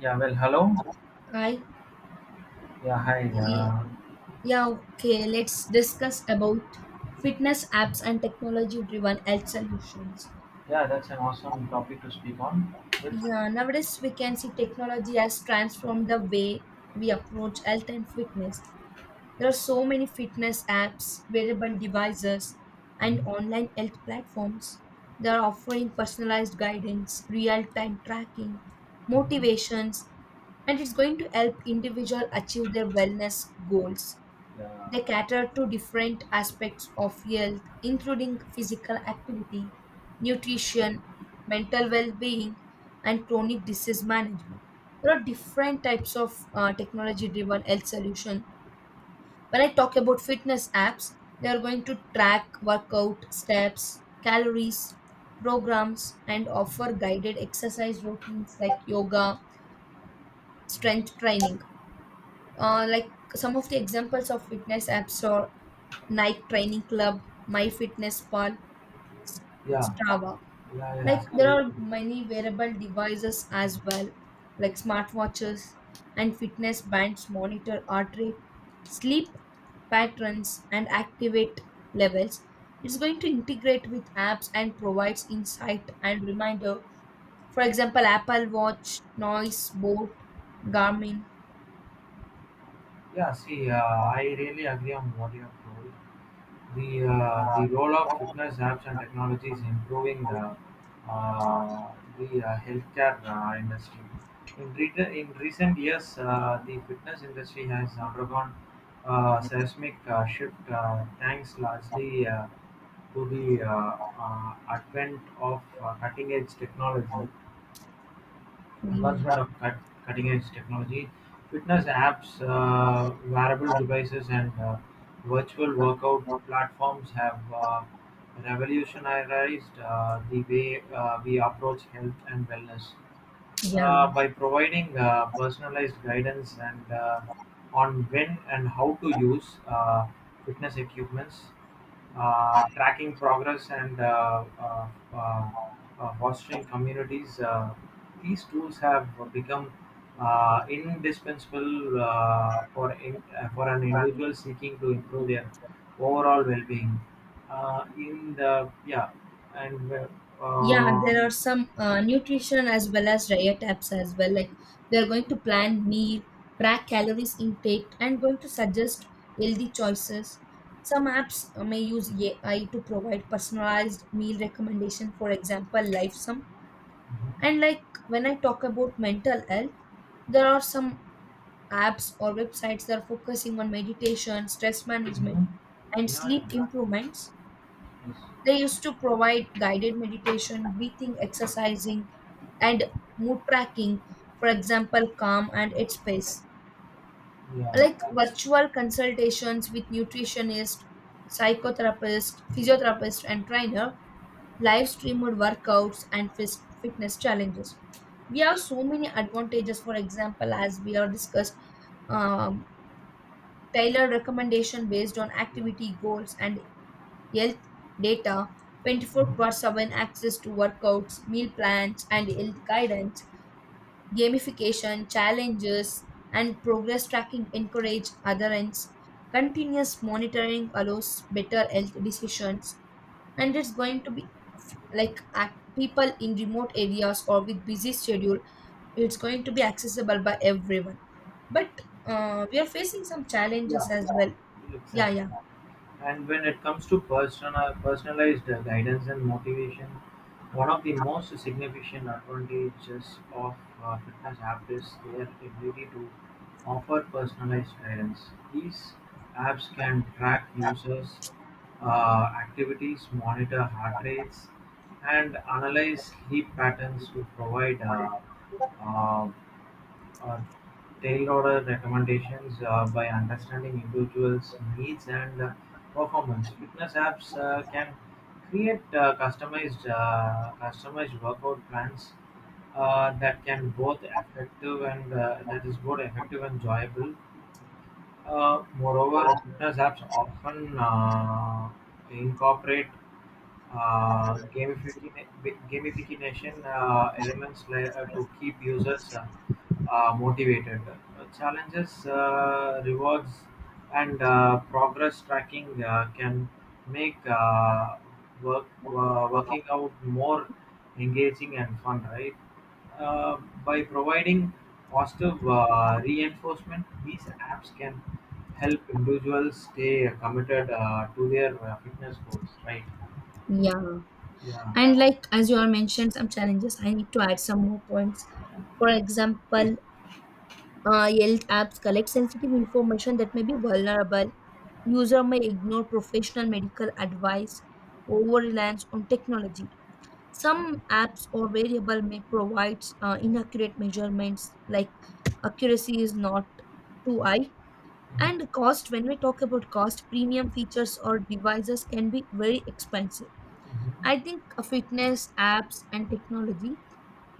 Yeah, well, hello. Hi. Yeah, hi. Yeah, yeah, okay. Let's discuss about fitness apps and technology-driven health solutions. Yeah, that's an awesome topic to speak on with. Yeah, nowadays we can see technology has transformed the way we approach health and fitness. There are so many fitness apps, wearable devices, and Mhm, online health platforms. They are offering personalized guidance, real-time tracking, mhm. motivations, and it's going to help individual achieve their wellness goals. Yeah, They cater to different aspects of health, including physical activity, nutrition, mental well being, and chronic disease management. There are different types of technology driven health solution. When I talk about fitness apps, they are going to track workout steps, calories, programs, and offer guided exercise routines like yoga, strength training. Like some of the examples of fitness apps are Nike Training Club, MyFitnessPal, yes, yeah, Strava. yeah, yeah. Like there See, are many wearable devices as well, like smartwatches and fitness bands monitor heart rate, sleep patterns, and activate levels. It's going to integrate with apps and provides insight and reminder. For example, Apple Watch, Noise, Boat, Garmin. yeah, see, I really agree on what you have told. The role of fitness apps and Yeah. technology is improving, uh, the healthcare industry. In recent years, the fitness industry has undergone seismic shift, thanks largely to the advent of cutting edge technology. Advancement of cut, cutting-edge technology, fitness apps, wearable devices, and virtual workout platforms have revolutionized the way we approach health and wellness Yeah. By providing personalized guidance and on when and how to use fitness equipments, tracking progress and uh, fostering communities. These tools have become indispensable for an individual seeking to improve their overall well-being. In the yeah, and Yeah, mhm, there are some nutrition as well as diet apps as well. Like they are going to plan meal, track calories intake, and going to suggest healthy choices. Some apps may use AI to provide personalized meal recommendation. For example, LifeSum. And like when I talk about mental health, there are some apps or websites that are focusing on meditation, stress management, mhm, and yeah, yeah. sleep improvements. Yes. They used to provide guided meditation, breathing, exercising, and mood tracking, for example, Calm and Headspace. Yeah, Like it's virtual consultations with nutritionist, psychotherapist, physiotherapist, and trainer, live streamed workouts, and fitness challenges. We have so many advantages, for example, as we are discussed, um, tailored recommendation based on yeah. activity goals and health data 24 Hmm. 7 access to workouts, meal plans, and health guidance, gamification challenges and progress tracking encourage adherence, continuous monitoring allows better health decisions, and it's going to be like people in remote areas or with busy schedule, it's going to be accessible by everyone. But we are facing some challenges Yeah, as well. Yeah, exactly. yeah. And when it comes to personalized guidance and motivation, one of the most significant advantages of fitness apps is their ability to offer personalized guidance. These apps can track users' activities, monitor heart rates, and analyze sleep patterns to provide uh, Uh, tailored order recommendations by understanding individuals' needs and performance. Fitness apps can create customized workout plans that is both effective and enjoyable. Moreover, fitness apps often incorporate uh, gamification, gamification elements to keep users motivated. Challenges, rewards, and progress tracking can make working out more engaging and fun, right? Uh, by providing positive reinforcement, these apps can help individuals stay committed to their fitness goals, right? Yeah, Yeah, and like as you all mentioned, some challenges. I need to add some more points. For please. example, Yelp apps collect sensitive information that may be vulnerable. User may ignore professional medical advice, over reliance on technology. Some apps or variable may provide inaccurate measurements, like accuracy is not too high. Mhm, And cost, when we talk about cost, premium features or devices can be very expensive. mhm, I think fitness, apps, and technology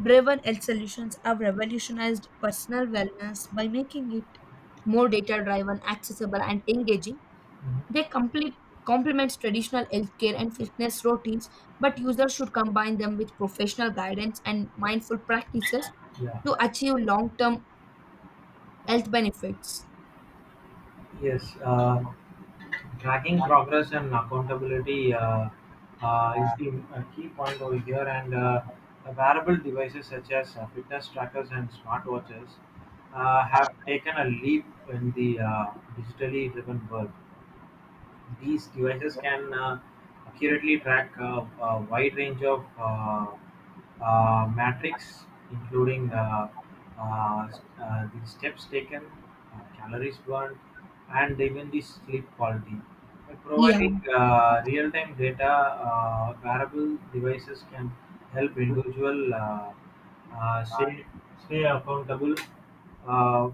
driven health solutions have revolutionized personal wellness by making it more data driven, accessible, and engaging. mhm. They complete complements traditional healthcare and fitness routines, but users should combine them with professional guidance and mindful practices Yeah. to achieve long term health benefits. Yes. Tracking progress and accountability is the key point over here, and the wearable devices such as fitness trackers and smartwatches have taken a leap in the digitally driven world. These devices can accurately track a wide range of metrics, including the steps taken, calories burned, and even the sleep quality. By Yeah, providing real-time data, wearable devices can help individual uh, stay, stay accountable. Uh,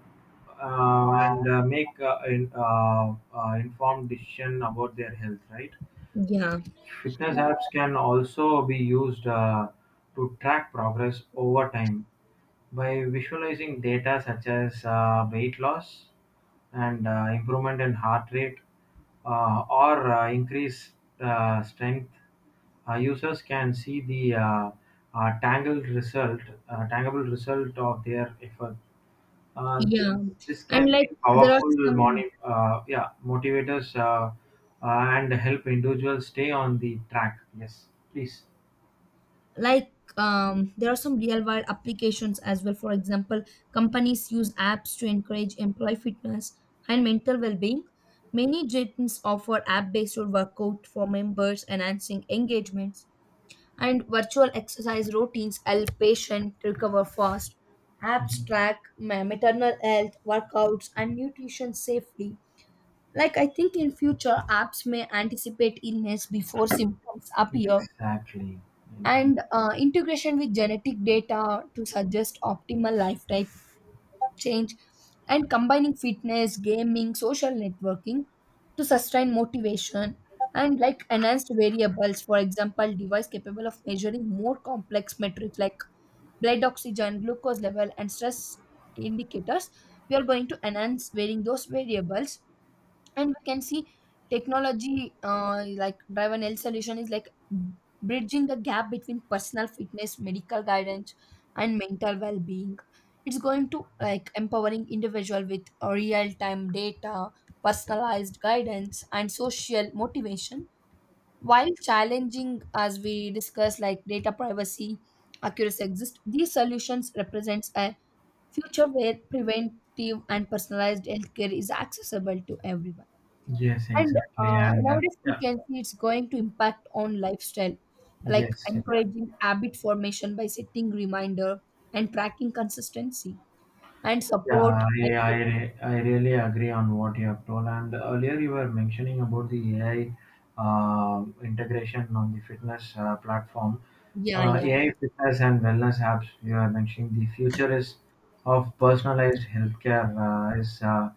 and make, informed decision about their health, right? yeah. Fitness apps can also be used to track progress over time by visualizing data such as weight loss and improvement in heart rate or increased strength. Users can see the tangled result tangible result of their effort. uh, this Yeah, this and can like be there are powerful some, motivators. And help individuals stay on the track. Yes, please. like, um, there are some real world applications as well. For example, companies use apps to encourage employee fitness and mental well-being. Many gyms offer app-based workout for members, enhancing engagements, and virtual exercise routines help patients recover fast. Apps Mhm. track maternal health, workouts, and nutrition safely. Like I think in future, apps may anticipate illness before symptoms appear, Exactly. Exactly. and integration with genetic data to suggest optimal lifestyle change, and combining fitness, gaming, social networking to sustain motivation, and like enhanced variables, for example, device capable of measuring more complex metrics like blood oxygen, glucose level, and stress indicators. We are going to enhance wearing those variables, and we can see technology like driver L solution is like bridging the gap between personal fitness, medical guidance, and mental well-being. It's going to like empowering individual with real-time data, personalized guidance, and social motivation. While challenging, as we discuss, like data privacy, accuracy exist, these solutions represents a future where preventive and personalized healthcare is accessible to everyone. Yes, And exactly. And nowadays we yeah, can see it's going to impact on lifestyle, like yes, yeah, encouraging habit formation by setting reminder and tracking consistency and yeah. support. By, I really agree on what you have told. And earlier you were mentioning about the AI integration on the fitness platform. yeah, yeah, AI fitness and wellness apps you are mentioning. The future is of personalized healthcare is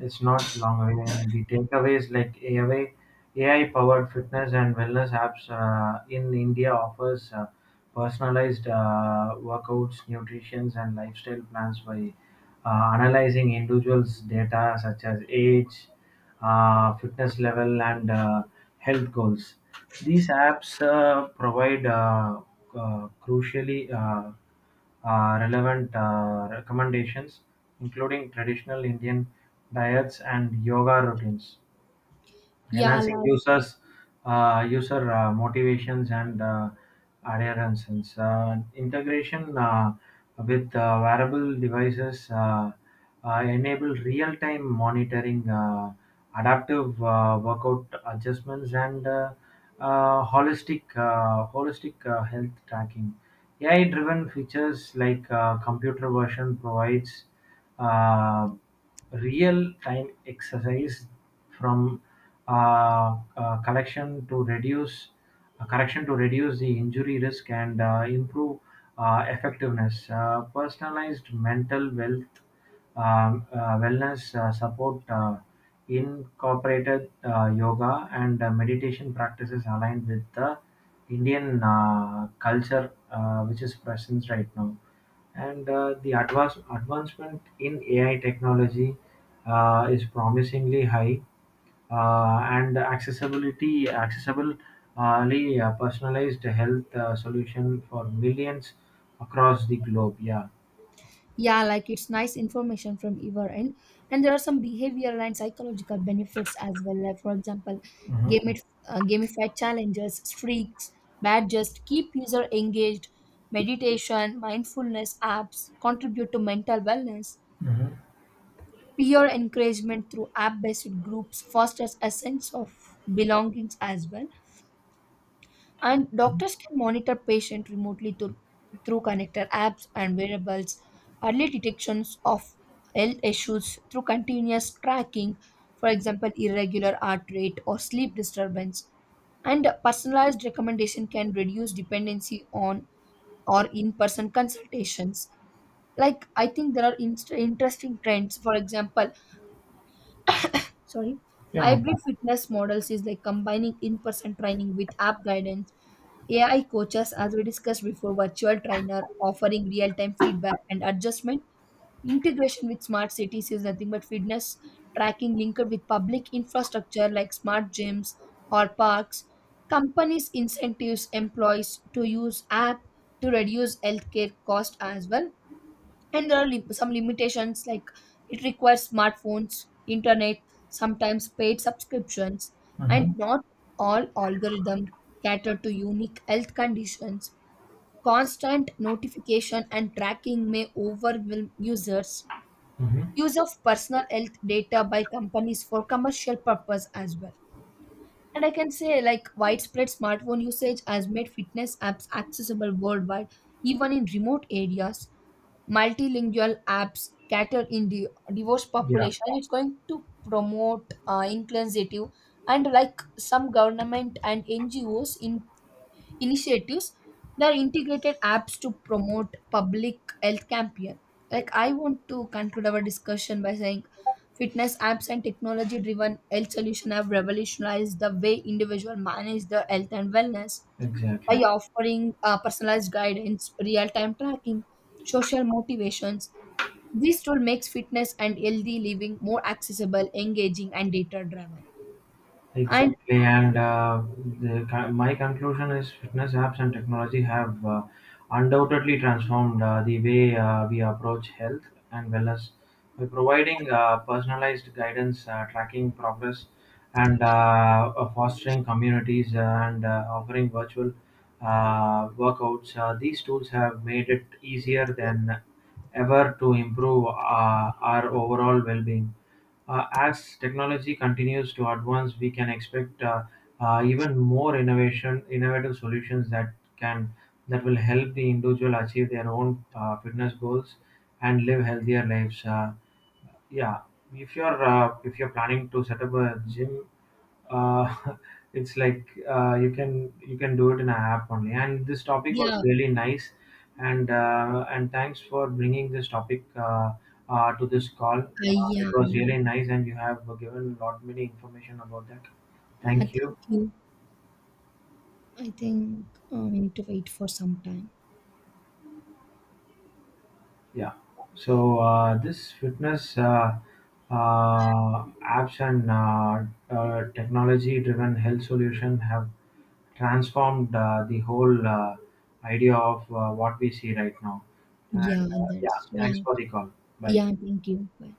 it's not long away, and the takeaways like AI powered fitness and wellness apps in India offers personalized workouts, nutrition, and lifestyle plans by analyzing individuals' data such as age, fitness level, and health goals. These apps provide crucially relevant recommendations, including traditional Indian diets and yoga routines, yeah, enhancing like, user motivations and adherence. Integration with wearable devices enable real-time monitoring, adaptive workout adjustments, and holistic health tracking. AI driven features like computer version provides uh, real time exercise from collection to reduce correction to reduce the injury risk and improve effectiveness. Personalized mental wealth wellness support incorporated yoga and meditation practices aligned with the Indian culture which is present right now, and the advancement in AI technology is promisingly high, and accessibility accessible, personalized health solution for millions across the globe, yeah. yeah, like it's nice information from either end, and there are some behavioral and psychological benefits as well. Like for example, Mm-hmm. game gamified challenges, streaks, badges keep user engaged. Meditation, mindfulness apps contribute to mental wellness. Mm-hmm. Peer encouragement through app based groups fosters a sense of belongings as well. And doctors can monitor patient remotely through connector apps and wearables, early detections of health issues through continuous tracking, for example, irregular heart rate or sleep disturbance. And personalized recommendation can reduce dependency on or in person consultations. Like, I think there are interesting trends. For example, sorry, hybrid fitness models is like combining in-person training with app guidance, AI coaches, as we discussed before, virtual trainer offering real-time feedback and adjustment, integration with smart cities is nothing but fitness tracking linked with public infrastructure like smart gyms or parks. Companies incentives employees to use app to reduce healthcare cost as well. And there are some limitations like it requires smartphones, internet, sometimes paid subscriptions, and Mm-hmm. not all algorithms cater to unique health conditions, constant notification and tracking may overwhelm users, Hmm, use of personal health data by companies for commercial purpose as well. And I can say like widespread smartphone usage has made fitness apps accessible worldwide even in remote areas. Multilingual apps cater in the divorce yeah, population, it's going to promote inclusive. And like some government and NGOs in initiatives, there are integrated apps to promote public health campaign. Like I want to conclude our discussion by saying fitness apps and technology driven health solution have revolutionized the way individual manage their health and wellness by exactly. offering personalized guidance, real time tracking, social motivations. This tool makes fitness and healthy living more accessible, engaging, and data driven. And Exactly, my conclusion is fitness apps and technology have undoubtedly transformed the way we approach health and wellness by providing personalized guidance, tracking progress, and fostering communities and offering virtual workouts. These tools have made it easier than ever to improve our overall well-being. As technology continues to advance, we can expect even more innovative solutions that will help the individual achieve their own fitness goals and live healthier lives. Yeah, if you're planning to set up a gym, uh, it's like, you can, you can do it in an app only, and this topic was yeah, really nice, and thanks for bringing this topic to this call. It yeah, was yeah, really nice and you have given a lot many information about that. yeah. Thank you. Thank you. I think we need to wait for some time. Yeah. So this fitness apps and technology-driven health solution have transformed the whole idea of what we see right now. And Yeah, yeah, that's thanks yeah, for the call. Bye. yeah. Thank you. Bye.